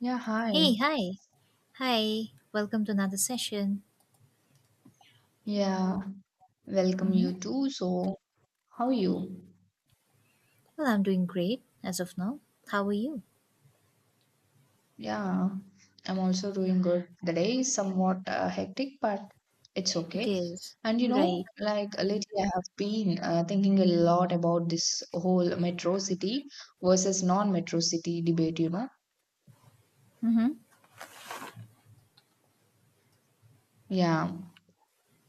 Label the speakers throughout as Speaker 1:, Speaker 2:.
Speaker 1: Yeah, hi.
Speaker 2: Hey, hi. Hi. Welcome to another session.
Speaker 1: Yeah, welcome
Speaker 2: Hmm.
Speaker 1: you too. So, how you?
Speaker 2: Well, I'm doing great as of now. How are you?
Speaker 1: Yeah, I'm also doing good. The day is somewhat hectic, but it's
Speaker 2: It
Speaker 1: okay.
Speaker 2: is.
Speaker 1: And
Speaker 2: Right.
Speaker 1: like lately I have been thinking a lot about this whole metro city versus non-metro city debate, you know?
Speaker 2: Mm-hmm.
Speaker 1: Yeah.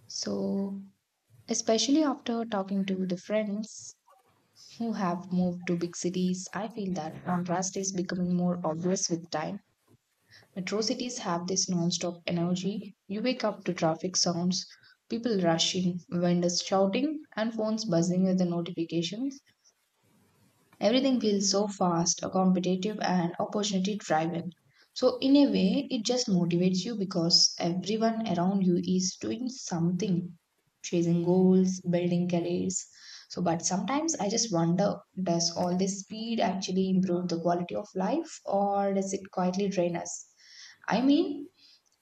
Speaker 1: So, especially after talking to the friends who have moved to big cities, I feel that contrast is becoming more obvious with time. Metro cities have this non-stop energy. You wake up to traffic sounds, people rushing, vendors shouting, and phones buzzing with the notifications. Everything feels so fast, competitive, and opportunity driven. So, in a way, it just motivates you because everyone around you is doing something, chasing goals, building careers. So, but sometimes I just wonder, does all this speed actually improve the quality of life, or does it quietly drain us? I mean,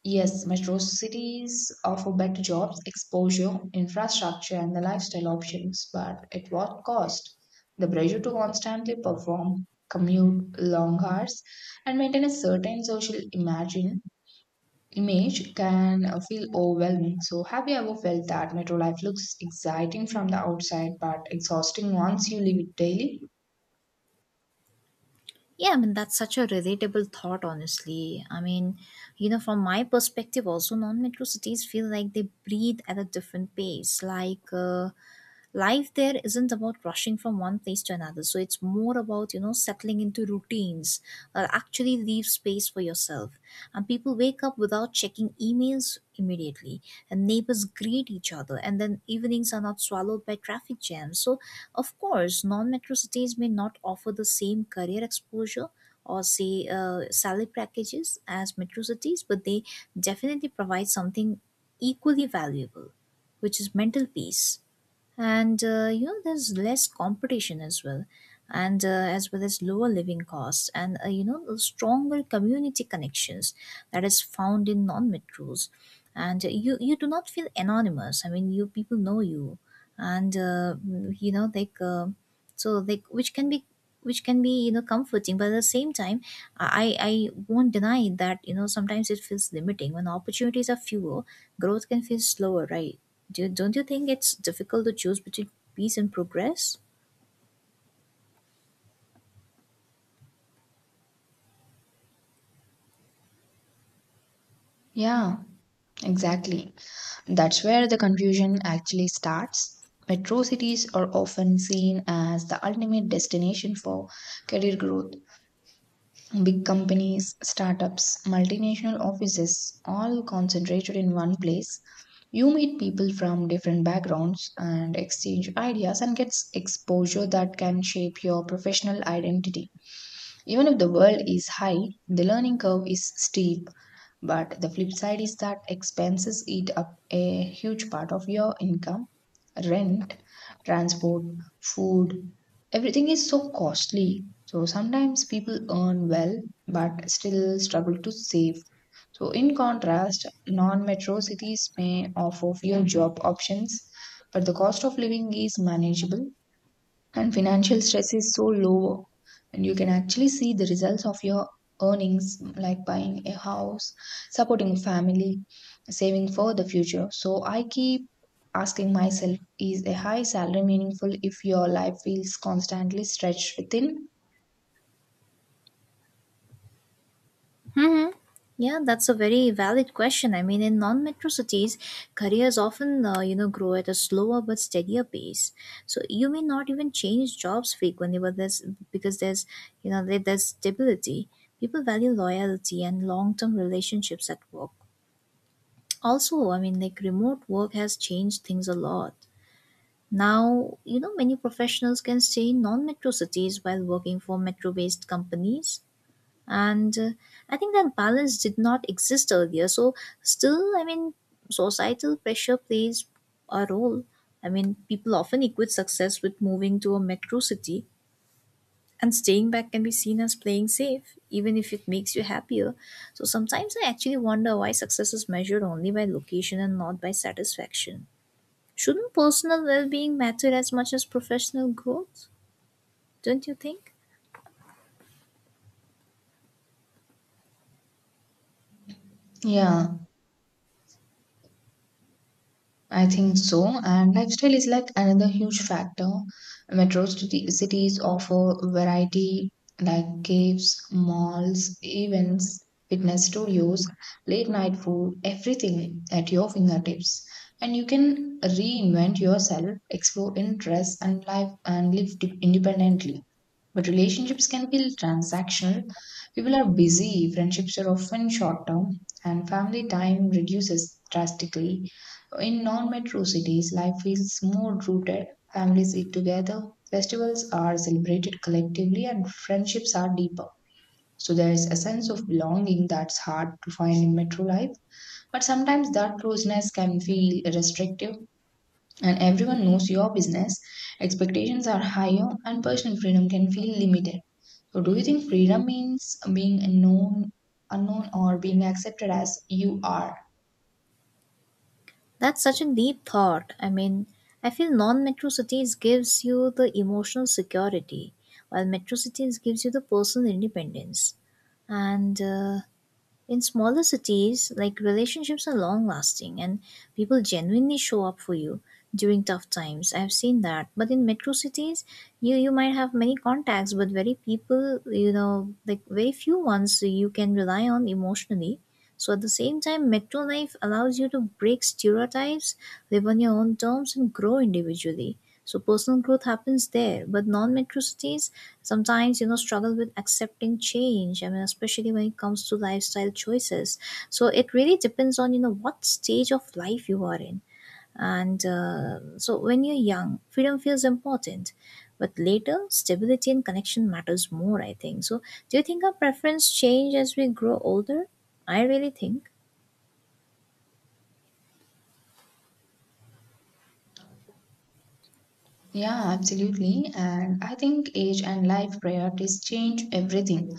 Speaker 1: yes, metro cities offer better jobs, exposure, infrastructure, and the lifestyle options, but at what cost? The pressure to constantly perform, commute long hours, and maintain a certain social image can feel overwhelming. So, have you ever felt that metro life looks exciting from the outside but exhausting once you live it daily?
Speaker 2: Yeah, I mean, that's such a relatable thought, honestly. I mean, you know, from my perspective, also, non metro cities feel like they breathe at a different pace. Like, life there isn't about rushing from one place to another, so it's more about, you know, settling into routines that actually leave space for yourself. And people wake up without checking emails immediately, and neighbors greet each other, and then evenings are not swallowed by traffic jams. So of course non-metro cities may not offer the same career exposure, or say salary packages as metro cities, but they definitely provide something equally valuable, which is mental peace. And you know, there's less competition as well, and as well as lower living costs, and you know, the stronger community connections that is found in non metros. And you do not feel anonymous. I mean, you, people know you. And you know, like so like which can be, you know, comforting, but at the same time I won't deny that, you know, sometimes it feels limiting when opportunities are fewer. Growth can feel slower, right? Don't you think it's difficult to choose between peace and progress?
Speaker 1: Yeah, exactly. That's where the confusion actually starts. Metro cities are often seen as the ultimate destination for career growth. Big companies, startups, multinational offices, all concentrated in one place. You meet people from different backgrounds and exchange ideas and get exposure that can shape your professional identity. Even if the world is high, the learning curve is steep, but the flip side is that expenses eat up a huge part of your income. Rent, transport, food, everything is so costly. So sometimes people earn well but still struggle to save. So, in contrast, non metro cities may offer fewer job options, but the cost of living is manageable and financial stress is so lower, and you can actually see the results of your earnings, like buying a house, supporting a family, saving for the future. So I keep asking myself, is a high salary meaningful if your life feels constantly stretched within?
Speaker 2: Yeah, that's a very valid question. I mean, in non-metro cities, careers often, you know, grow at a slower but steadier pace. So you may not even change jobs frequently, but there's, you know, there's stability. People value loyalty and long-term relationships at work. Also, I mean, like remote work has changed things a lot. Now, you know, many professionals can stay in non-metro cities while working for metro-based companies, and I think that balance did not exist earlier. So still, I mean, societal pressure plays a role. I mean, people often equate success with moving to a metro city, and staying back can be seen as playing safe even if it makes you happier. So sometimes I actually wonder why success is measured only by location and not by satisfaction. Shouldn't personal well-being matter as much as professional growth? Don't you think?
Speaker 1: Yeah, I think so. And lifestyle is like another huge factor. Metro cities offer variety, like caves, malls, events, fitness studios, late night food, everything at your fingertips. And you can reinvent yourself, explore interests and life and live independently. But relationships can feel transactional. People are busy, friendships are often short term, and family time reduces drastically. In non metro cities, life feels more rooted. Families eat together, festivals are celebrated collectively, and friendships are deeper. So there is a sense of belonging that's hard to find in metro life. But sometimes that closeness can feel restrictive, and everyone knows your business. Expectations are higher, and personal freedom can feel limited. So, do you think freedom means being known, unknown, or being accepted as you are?
Speaker 2: That's such a deep thought. I mean, I feel non-metro cities gives you the emotional security, while metro cities gives you the personal independence. And in smaller cities, like relationships are long lasting and people genuinely show up for you during tough times. I've seen that. But in metro cities, you might have many contacts but very people, you know, like very few ones you can rely on emotionally. So at the same time, metro life allows you to break stereotypes, live on your own terms and grow individually. So personal growth happens there, but non-metro cities sometimes, you know, struggle with accepting change. I mean, especially when it comes to lifestyle choices. So it really depends on, you know, what stage of life you are in. And so when you're young freedom feels important, but later stability and connection matters more, I think. So do you think our preference change as we grow older? I really think.
Speaker 1: Yeah, absolutely. And I think age and life priorities change everything.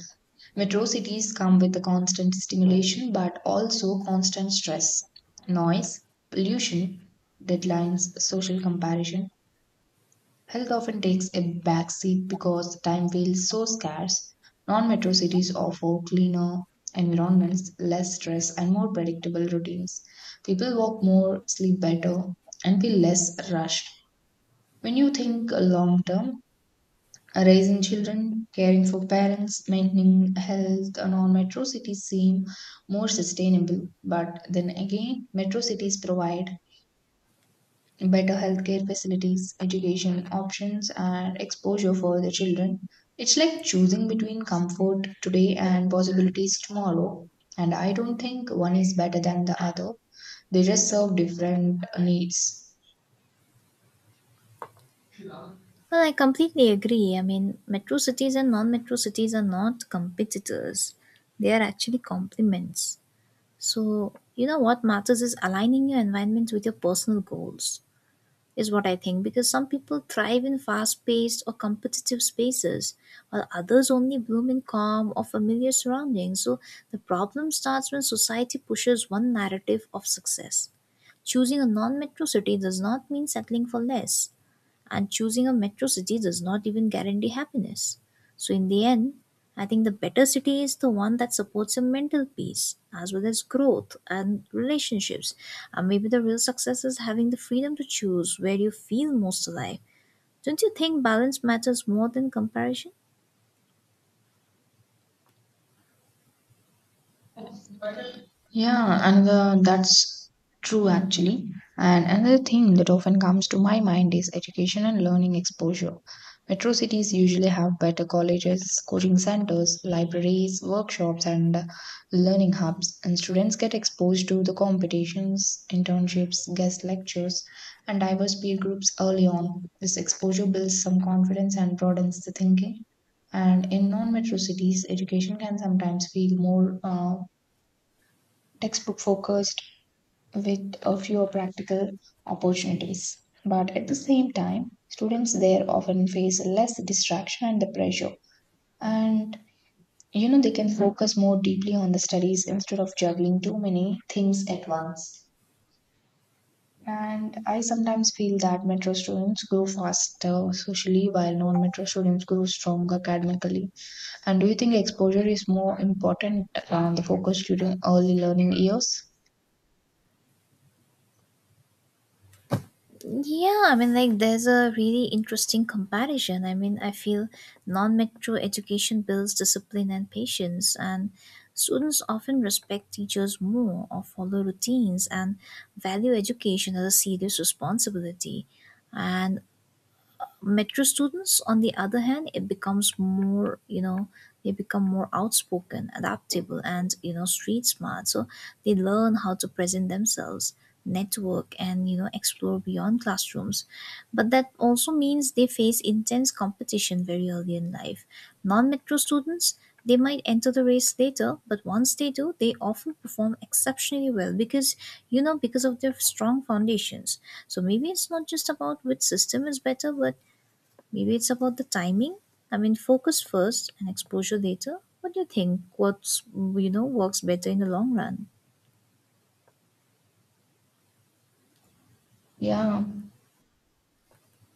Speaker 1: Metro cities come with the constant stimulation, but also constant stress, noise, pollution, deadlines, social comparison. Health often takes a backseat because time feels so scarce. Non metro cities offer cleaner environments, less stress, and more predictable routines. People walk more, sleep better, and feel less rushed. When you think long term, raising children, caring for parents, maintaining health, non metro cities seem more sustainable. But then again, metro cities provide better healthcare facilities, education options, and exposure for the children. It's like choosing between comfort today and possibilities tomorrow. And I don't think one is better than the other, they just serve different needs.
Speaker 2: Well, I completely agree. I mean, metro cities and non metro cities are not competitors, they are actually complements. So, you know, what matters is aligning your environment with your personal goals, is what I think, because some people thrive in fast paced or competitive spaces, while others only bloom in calm or familiar surroundings. So, the problem starts when society pushes one narrative of success. Choosing a non metro city does not mean settling for less, and choosing a metro city does not even guarantee happiness. So, in the end, I think the better city is the one that supports your mental peace as well as growth and relationships. And maybe the real success is having the freedom to choose where you feel most alive. Don't you think balance matters more than comparison?
Speaker 1: Yeah, another that's true actually. And another thing that often comes to my mind is education and learning exposure. Metro cities usually have better colleges, coaching centers, libraries, workshops, and learning hubs. And students get exposed to the competitions, internships, guest lectures, and diverse peer groups early on. This exposure builds some confidence and broadens the thinking. And in non metro cities, education can sometimes feel more textbook focused with a fewer practical opportunities. But at the same time, students there often face less distraction and the pressure. And you know, they can focus more deeply on the studies instead of juggling too many things at once. And I sometimes feel that metro students grow faster socially while non metro students grow stronger academically. And do you think exposure is more important, the focus during early learning years?
Speaker 2: Yeah, I mean, like, there's a really interesting comparison. I mean, I feel non metro education builds discipline and patience, and students often respect teachers more or follow routines and value education as a serious responsibility. And metro students, on the other hand, it becomes more, you know, they become more outspoken, adaptable, and, you know, street smart. So they learn how to present themselves, network and, you know, explore beyond classrooms, but that also means they face intense competition very early in life. Non-metro students, they might enter the race later, but once they do they often perform exceptionally well because, you know, because of their strong foundations. So maybe it's not just about which system is better, but maybe it's about the timing. I mean, focus first and exposure later. What do you think? What's, you know, works better in the long run?
Speaker 1: Yeah.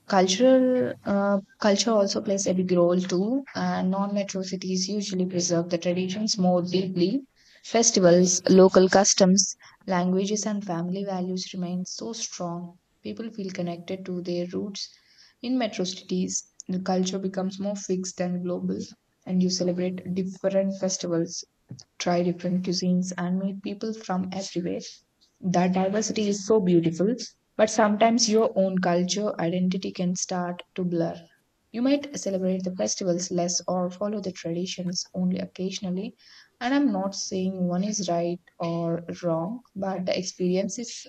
Speaker 1: Cultural culture also plays a big role too, and non-metro cities usually preserve the traditions more deeply. Festivals, local customs, languages, and family values remain so strong. People feel connected to their roots. In metro cities, the culture becomes more fixed and global, and you celebrate different festivals, try different cuisines, and meet people from everywhere. That diversity is so beautiful, but sometimes your own culture identity can start to blur. You might celebrate the festivals less or follow the traditions only occasionally. And I'm not saying one is right or wrong, but the experience is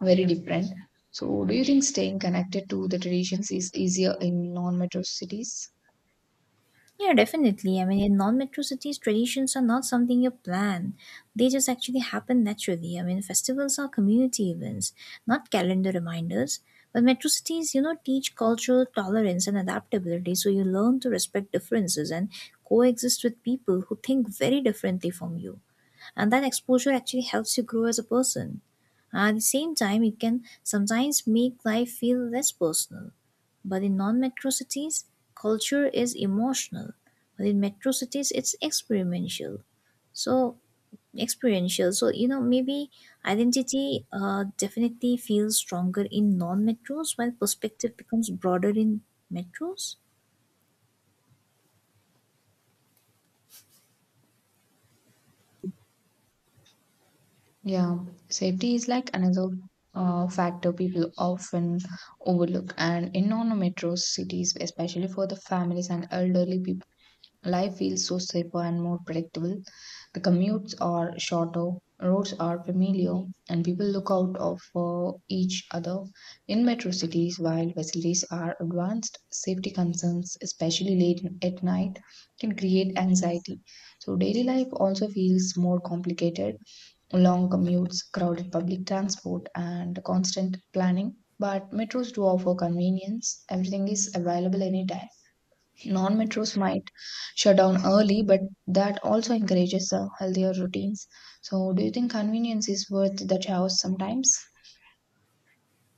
Speaker 1: very different. So, do you think staying connected to the traditions is easier in non metro cities?
Speaker 2: Yeah, definitely. I mean, in non-metro cities, traditions are not something you plan. They just actually happen naturally. I mean, festivals are community events, not calendar reminders. But metro cities, you know, teach cultural tolerance and adaptability, so you learn to respect differences and coexist with people who think very differently from you. And that exposure actually helps you grow as a person. At the same time, it can sometimes make life feel less personal. But in non metro cities, culture is emotional. But in metro cities, it's experiential. So, experiential. So, you know, maybe identity definitely feels stronger in non metros while perspective becomes broader in metros.
Speaker 1: Yeah, safety is like another factor people often overlook, and in non-metro cities, especially for the families and elderly people, life feels so safer and more predictable. The commutes are shorter, roads are familiar, and people look out of for each other. In metro cities, while facilities are advanced, safety concerns, especially late at night, can create anxiety. So daily life also feels more complicated, long commutes, crowded public transport, and constant planning. But metros do offer convenience. Everything is available anytime. Non metros might shut down early, but that also encourages healthier routines. So, do you think convenience is worth the chaos sometimes?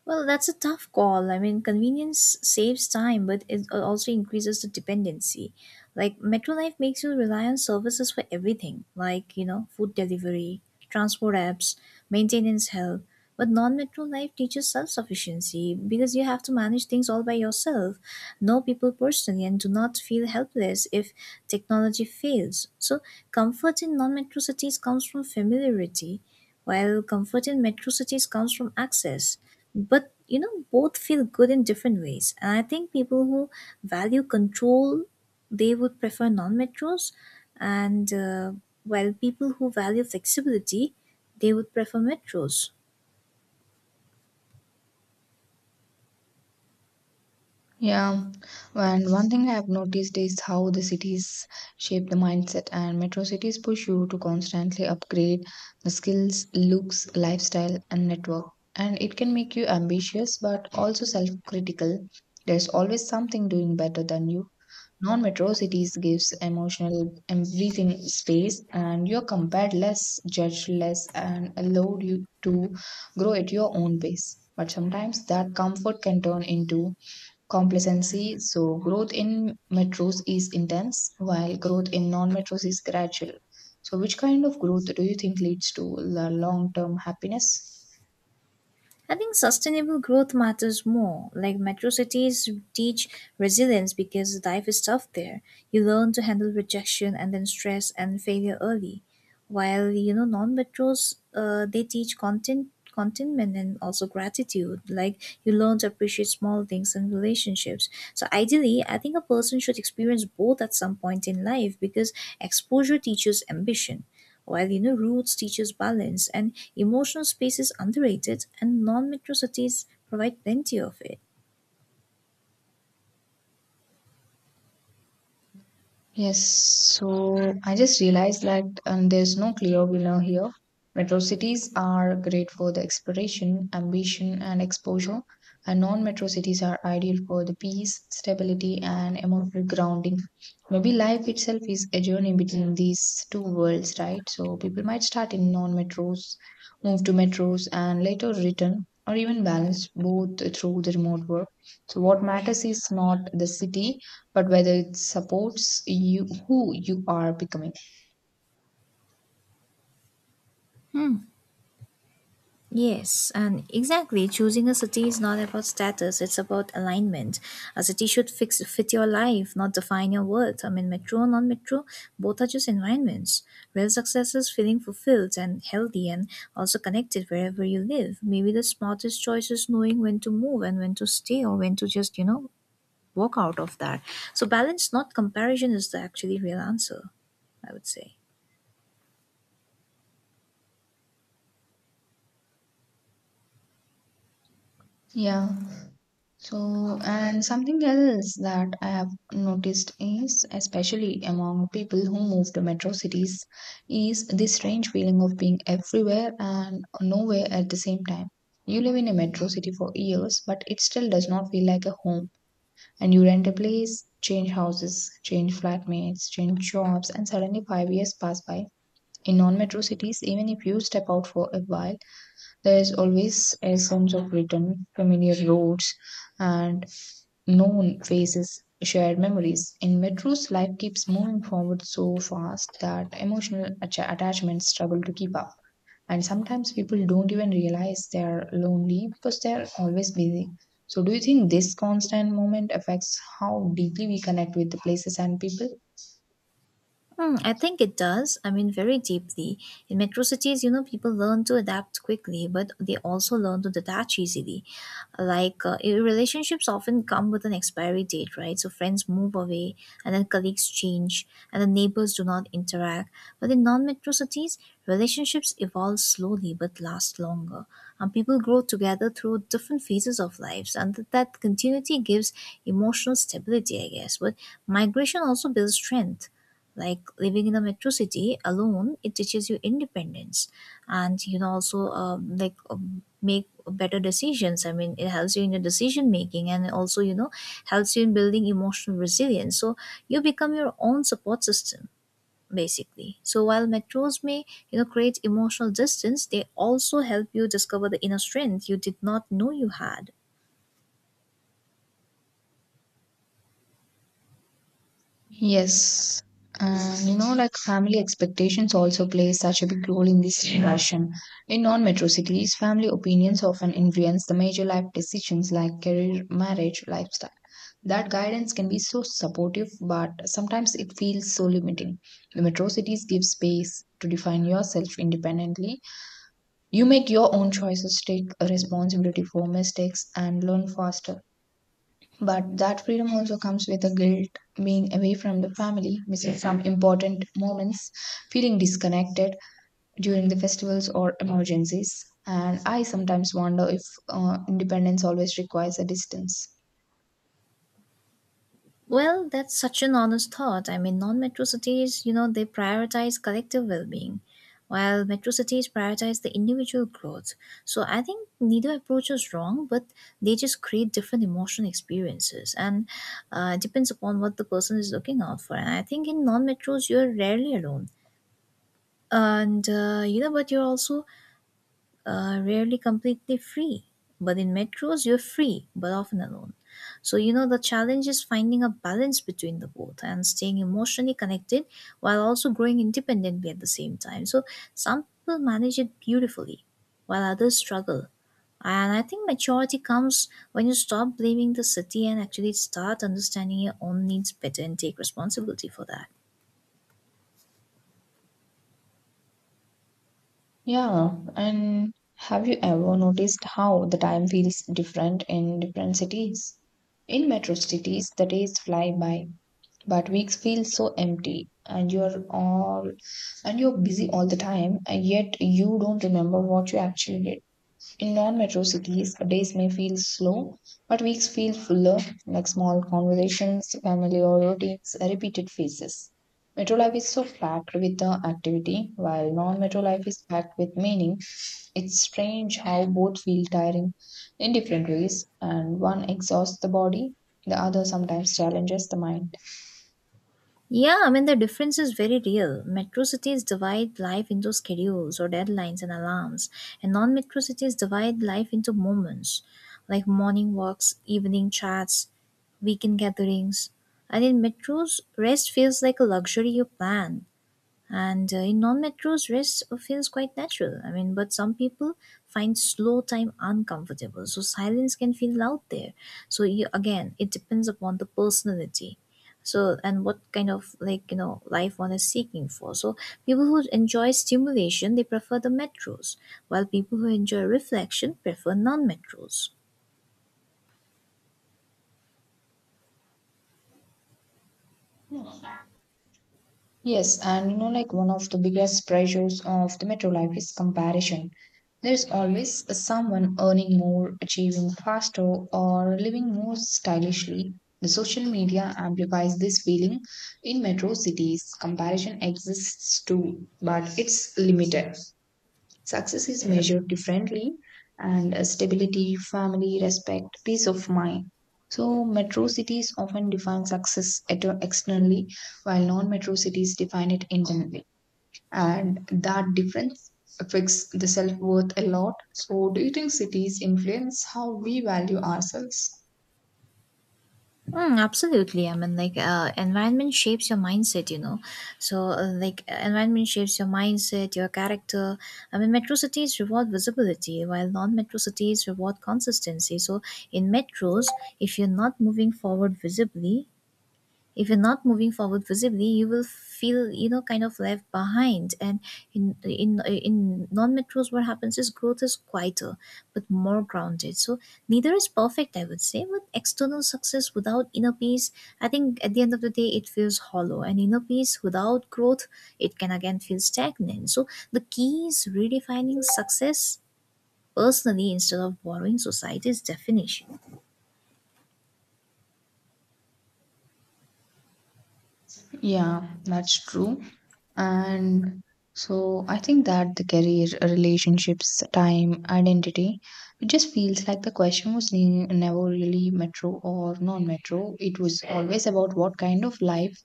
Speaker 2: Well, that's a tough call. I mean, convenience saves time, but it also increases the dependency. Like, Metro Life makes you rely on services for everything, like, you know, food delivery, transport apps, maintenance help. But non Metro Life teaches self sufficiency because you have to manage things all by yourself, know people personally, and do not feel helpless if technology fails. So, comfort in non Metro cities comes from familiarity, while comfort in Metro cities comes from access, but, you know, both feel good in different ways. And I think people who value control, they would prefer non-metros, and while people who value flexibility, they would prefer metros.
Speaker 1: Yeah, and one thing I have noticed is how the cities shape the mindset, and metro cities push you to constantly upgrade the skills, looks, lifestyle, and network. And it can make you ambitious but also self critical. There's always something doing better than you. Non metro cities gives emotional and breathing space, and you're compared less, judged less, and allowed you to grow at your own pace. But sometimes that comfort can turn into complacency. So, growth in metros is intense, while growth in non metros is gradual. So, which kind of growth do you think leads to long term happiness?
Speaker 2: I think sustainable growth matters more. Like metro cities teach resilience because life is tough there. You learn to handle rejection and then stress and failure early. While, you know, non-metros, they teach contentment and also gratitude. Like you learn to appreciate small things and relationships. So ideally, I think a person should experience both at some point in life because exposure teaches ambition, while inner roots teaches balance, and emotional space is underrated, and non-metro cities provide plenty of it.
Speaker 1: Yes, so I just realized that there's no clear winner here. Metro cities are great for the exploration, ambition, and exposure, and non metro cities are ideal for the peace, stability, and emotional grounding. Maybe life itself is a journey between these two worlds, right? So people might start in non metros, move to metros, and later return, or even balance both through the remote work. So, what matters is not the city but whether it supports you who you are becoming.
Speaker 2: Yes, and exactly. Choosing a city is not about status, it's about alignment. A city should fit your life, not define your worth. I mean, metro or non metro, both are just environments. Real success is feeling fulfilled and healthy and also connected wherever you live. Maybe the smartest choice is knowing when to move and when to stay or when to just, you know, work out of that. So balance, not comparison, is the actually real answer, I would say.
Speaker 1: Yeah. So, and something else that I have noticed, is especially among people who move to metro cities, is this strange feeling of being everywhere and nowhere at the same time. You live in a metro city for years, but it still does not feel like a home. And you rent a place, change houses, change flatmates, change jobs, and suddenly 5 years pass by. In non metro cities, even if you step out for a while, there is always a sense of return, familiar roads, and known faces, shared memories. In metros, life keeps moving forward so fast that emotional attachments struggle to keep up. And sometimes people don't even realize they are lonely because they are always busy. So, do you think this constant moment affects how deeply we connect with the places and people?
Speaker 2: Hmm, I think it does. I mean, very deeply. In metro cities, you know, people learn to adapt quickly, but they also learn to detach easily. Like, relationships often come with an expiry date, right? So, friends move away, and then colleagues change, and then neighbors do not interact. But in non metro cities, relationships evolve slowly but last longer. And people grow together through different phases of lives, and that continuity gives emotional stability, I guess. But migration also builds strength, like living in a metro city alone it teaches you independence. And you can also like make better decisions. I mean, it helps you in your decision making and also, you know, helps you in building emotional resilience. So you become your own support system, basically. So while metros may, you know, create emotional distance, they also help you discover the inner strength you did not know you had.
Speaker 1: Yes. And you know, like family expectations also play such a big role in this discussion. In non metro cities, family opinions often influence the major life decisions like career, marriage, lifestyle. That guidance can be so supportive, but sometimes it feels so limiting. The metro cities give space to define yourself independently. You make your own choices, take responsibility for mistakes, and learn faster. But that freedom also comes with a guilt, being away from the family, missing some important moments, feeling disconnected during the festivals or emergencies. And I sometimes wonder if independence always requires a distance.
Speaker 2: Well, that's such an honest thought. I mean, non metro cities, you know, they prioritize collective well being, while metro cities prioritize the individual growth. So I think neither approach is wrong, but they just create different emotional experiences, and depends upon what the person is looking out for. And I think in non metros, you're rarely alone. And, you know, but you're also rarely completely free. But in metros, you're free, but often alone. So, you know, the challenge is finding a balance between the both and staying emotionally connected while also growing independently at the same time. So, some people manage it beautifully, while others struggle. And I think maturity comes when you stop blaming the city and actually start understanding your own needs better and take responsibility for that.
Speaker 1: Yeah, and have you ever noticed how the time feels different in different cities? In metro cities, the days fly by, but weeks feel so empty, and you're busy all the time and yet you don't remember what you actually did. In non-metro cities, days may feel slow, but weeks feel fuller, like small conversations, familiar routines, repeated faces. Metro life is so packed with the activity, while non-metro life is packed with meaning. It's strange how both feel tiring in different ways, and one exhausts the body, the other sometimes challenges the mind.
Speaker 2: Yeah, I mean, the difference is very real. Metro cities divide life into schedules or deadlines and alarms, and non metro cities divide life into moments like morning walks, evening chats, weekend gatherings. And in metros, rest feels like a luxury you plan, and in non-metros rest feels quite natural. I mean, but some people find slow time uncomfortable, so silence can feel loud there. So you, again, it depends upon the personality. So, and what kind of, like, life one is seeking for. So people who enjoy stimulation, they prefer the metros, while people who enjoy reflection prefer non-metros.
Speaker 1: Yes, and you know, like one of the biggest pressures of the metro life is comparison. There's always someone earning more, achieving faster, or living more stylishly. The social media amplifies this feeling in metro cities. Comparison exists too, but it's limited. Success is measured differently, and stability, family, respect, peace of mind. So, metro cities often define success externally, while non metro cities define it internally. And that difference affects the self worth a lot. So, do you think cities influence how we value ourselves?
Speaker 2: Mm, absolutely. I mean, like, environment shapes your mindset, you know. So, like, environment shapes your mindset, your character. I mean, metro cities reward visibility, while non metro cities reward consistency. So, in metros, if you're not moving forward visibly, if you're not moving forward visibly, you will feel, you know, kind of left behind. And in non-metros, what happens is growth is quieter but more grounded. So neither is perfect, I would say, but external success without inner peace, I think at the end of the day, it feels hollow, and inner peace without growth, it can again feel stagnant. So the key is redefining success personally instead of borrowing society's definition.
Speaker 1: Yeah, that's true. And so I think that the career, relationships, time, identity, it just feels like the question was never really metro or non metro. It was always about what kind of life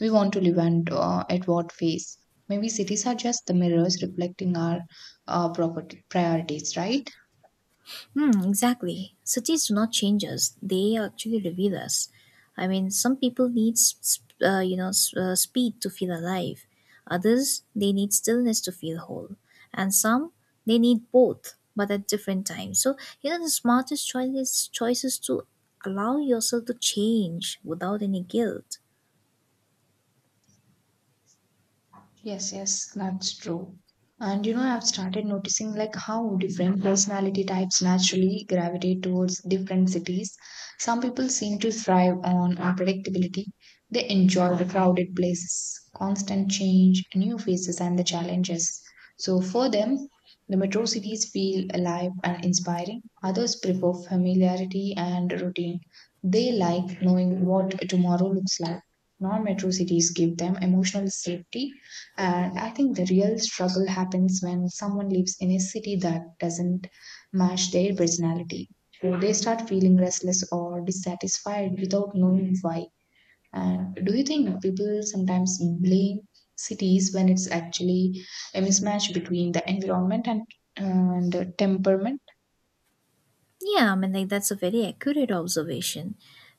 Speaker 1: we want to live and at what phase. Maybe cities are just the mirrors reflecting our property priorities, right?
Speaker 2: Hmm, exactly. Cities do not change us; they actually reveal us. I mean, some people need, speed to feel alive. Others, they need stillness to feel whole, and some, they need both, but at different times. So, you know, the smartest choice is choices to allow yourself to change without any guilt.
Speaker 1: Yes, yes, that's true. And I've started noticing like how different personality types naturally gravitate towards different cities. Some people seem to thrive on unpredictability. They enjoy the crowded places, constant change, new faces, and the challenges. So for them, the metro cities feel alive and inspiring. Others prefer familiarity and routine. They like knowing what tomorrow looks like. Non metro cities give them emotional safety, and I think the real struggle happens when someone lives in a city that doesn't match their personality. So they start feeling restless or dissatisfied without knowing why. And do you think people sometimes blame cities when it's actually a mismatch between the environment and temperament?
Speaker 2: Yeah, I mean, like, that's a very accurate observation.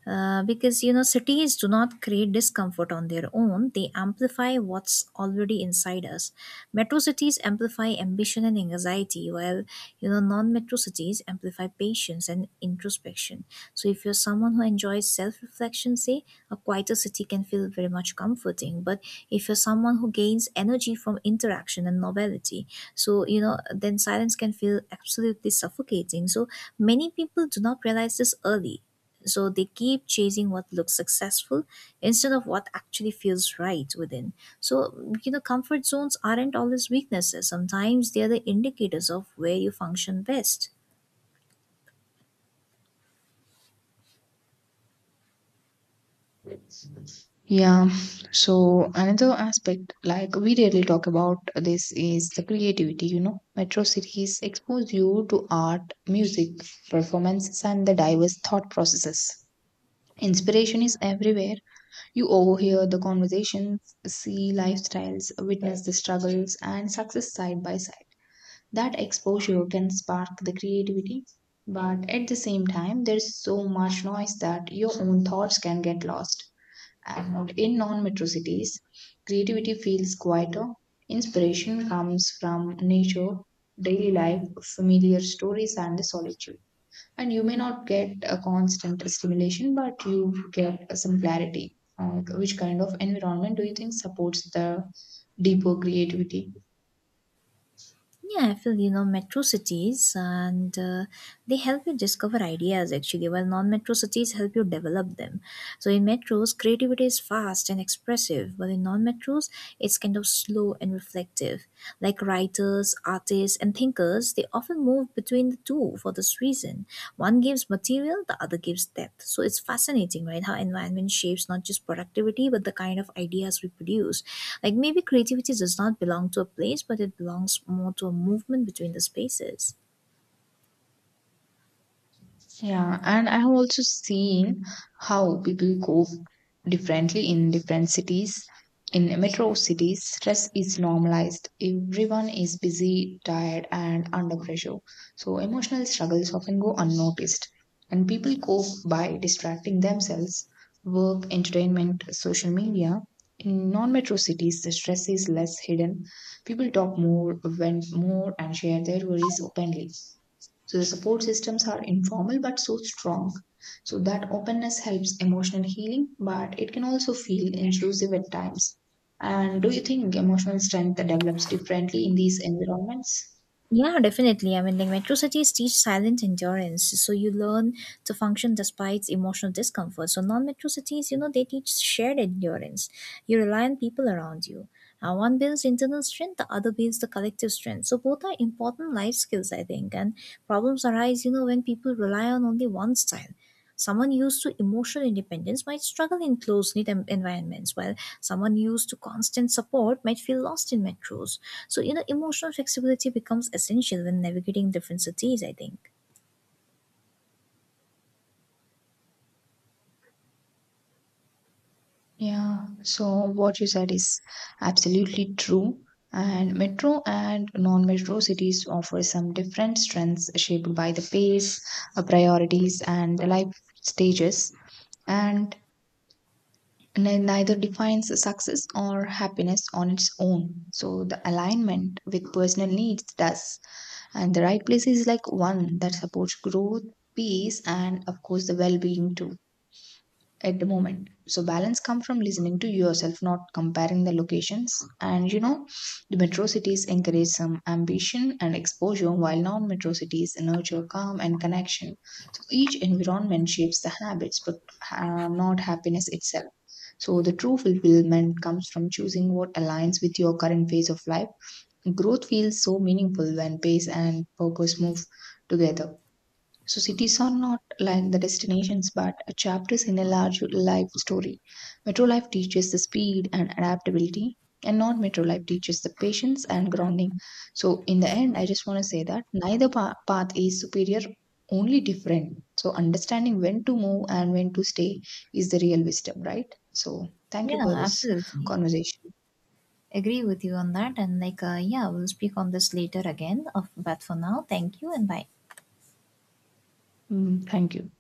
Speaker 2: Because, you know, cities do not create discomfort on their own, they amplify what's already inside us. Metro cities amplify ambition and anxiety, while, you know, non metro cities amplify patience and introspection. So, if you're someone who enjoys self reflection, say a quieter city can feel very much comforting, but if you're someone who gains energy from interaction and novelty, so, you know, then silence can feel absolutely suffocating. So, many people do not realize this early, so they keep chasing what looks successful instead of what actually feels right within. So, you know, comfort zones aren't always weaknesses, sometimes they are the indicators of where you function best.
Speaker 1: Yeah. So another aspect, like we rarely talk about this, is the creativity. You know, metro cities expose you to art, music, performances, and the diverse thought processes. Inspiration is everywhere. You overhear the conversations, see lifestyles, witness the struggles, and success side by side. That exposure can spark the creativity, but at the same time, there's so much noise that your own thoughts can get lost, and not in non-metro cities, creativity feels quieter. Inspiration comes from nature, daily life, familiar stories, and the solitude. And you may not get a constant stimulation, but you get some clarity. Which kind of environment do you think supports the deeper creativity?
Speaker 2: Yeah, I feel, you know, metro cities and they help you discover ideas actually, while non metro cities help you develop them. So in metros, creativity is fast and expressive, but in non-metros, it's kind of slow and reflective. Like writers, artists, and thinkers, they often move between the two for this reason. One gives material, the other gives depth. So it's fascinating, right? How environment shapes not just productivity, but the kind of ideas we produce. Like, maybe creativity does not belong to a place, but it belongs more to a movement between the spaces.
Speaker 1: Yeah, and I have also seen how people cope differently in different cities. In metro cities, stress is normalized. Everyone is busy, tired, and under pressure. So emotional struggles often go unnoticed. And people cope by distracting themselves, work, entertainment, social media. In non-metro cities, the stress is less hidden. People talk more, vent more, and share their worries openly. So the support systems are informal but so strong. So that openness helps emotional healing, but it can also feel intrusive at times. And do you think emotional strength develops differently in these environments?
Speaker 2: Yeah, definitely. I mean, like, metro cities teach silent endurance, so you learn to function despite emotional discomfort. So non-metro cities, you know, they teach shared endurance. You rely on people around you. One builds internal strength, the other builds the collective strength. So both are important life skills, I think. And problems arise, you know, when people rely on only one style. Someone used to emotional independence might struggle in close-knit environments, while someone used to constant support might feel lost in metros. So, you know, emotional flexibility becomes essential when navigating different cities, I think.
Speaker 1: Yeah, so what you said is absolutely true. And metro and non metro cities offer some different strengths shaped by the pace, priorities, and the life stages. And neither defines success or happiness on its own. So the alignment with personal needs does. And the right place is like one that supports growth, peace, and of course the well being too at the moment. So balance come from listening to yourself, not comparing the locations. And the metro cities encourage some ambition and exposure, while non metro cities nurture calm and connection. So each environment shapes the habits but not happiness itself. So the true fulfillment comes from choosing what aligns with your current phase of life. Growth feels so meaningful when pace and purpose move together. So cities are not like the destinations but chapters in a large life story. Metro life teaches the speed and adaptability, and non metro life teaches the patience and grounding. So in the end I just want to say that neither path is superior, only different. So understanding when to move and when to stay is the real wisdom, right? So thank you
Speaker 2: Yeah,
Speaker 1: for this
Speaker 2: absolutely.
Speaker 1: conversation.
Speaker 2: Agree with you on that. And like, yeah, we'll speak on this later again. Of, but for now, thank you and bye.
Speaker 1: Mm, thank you.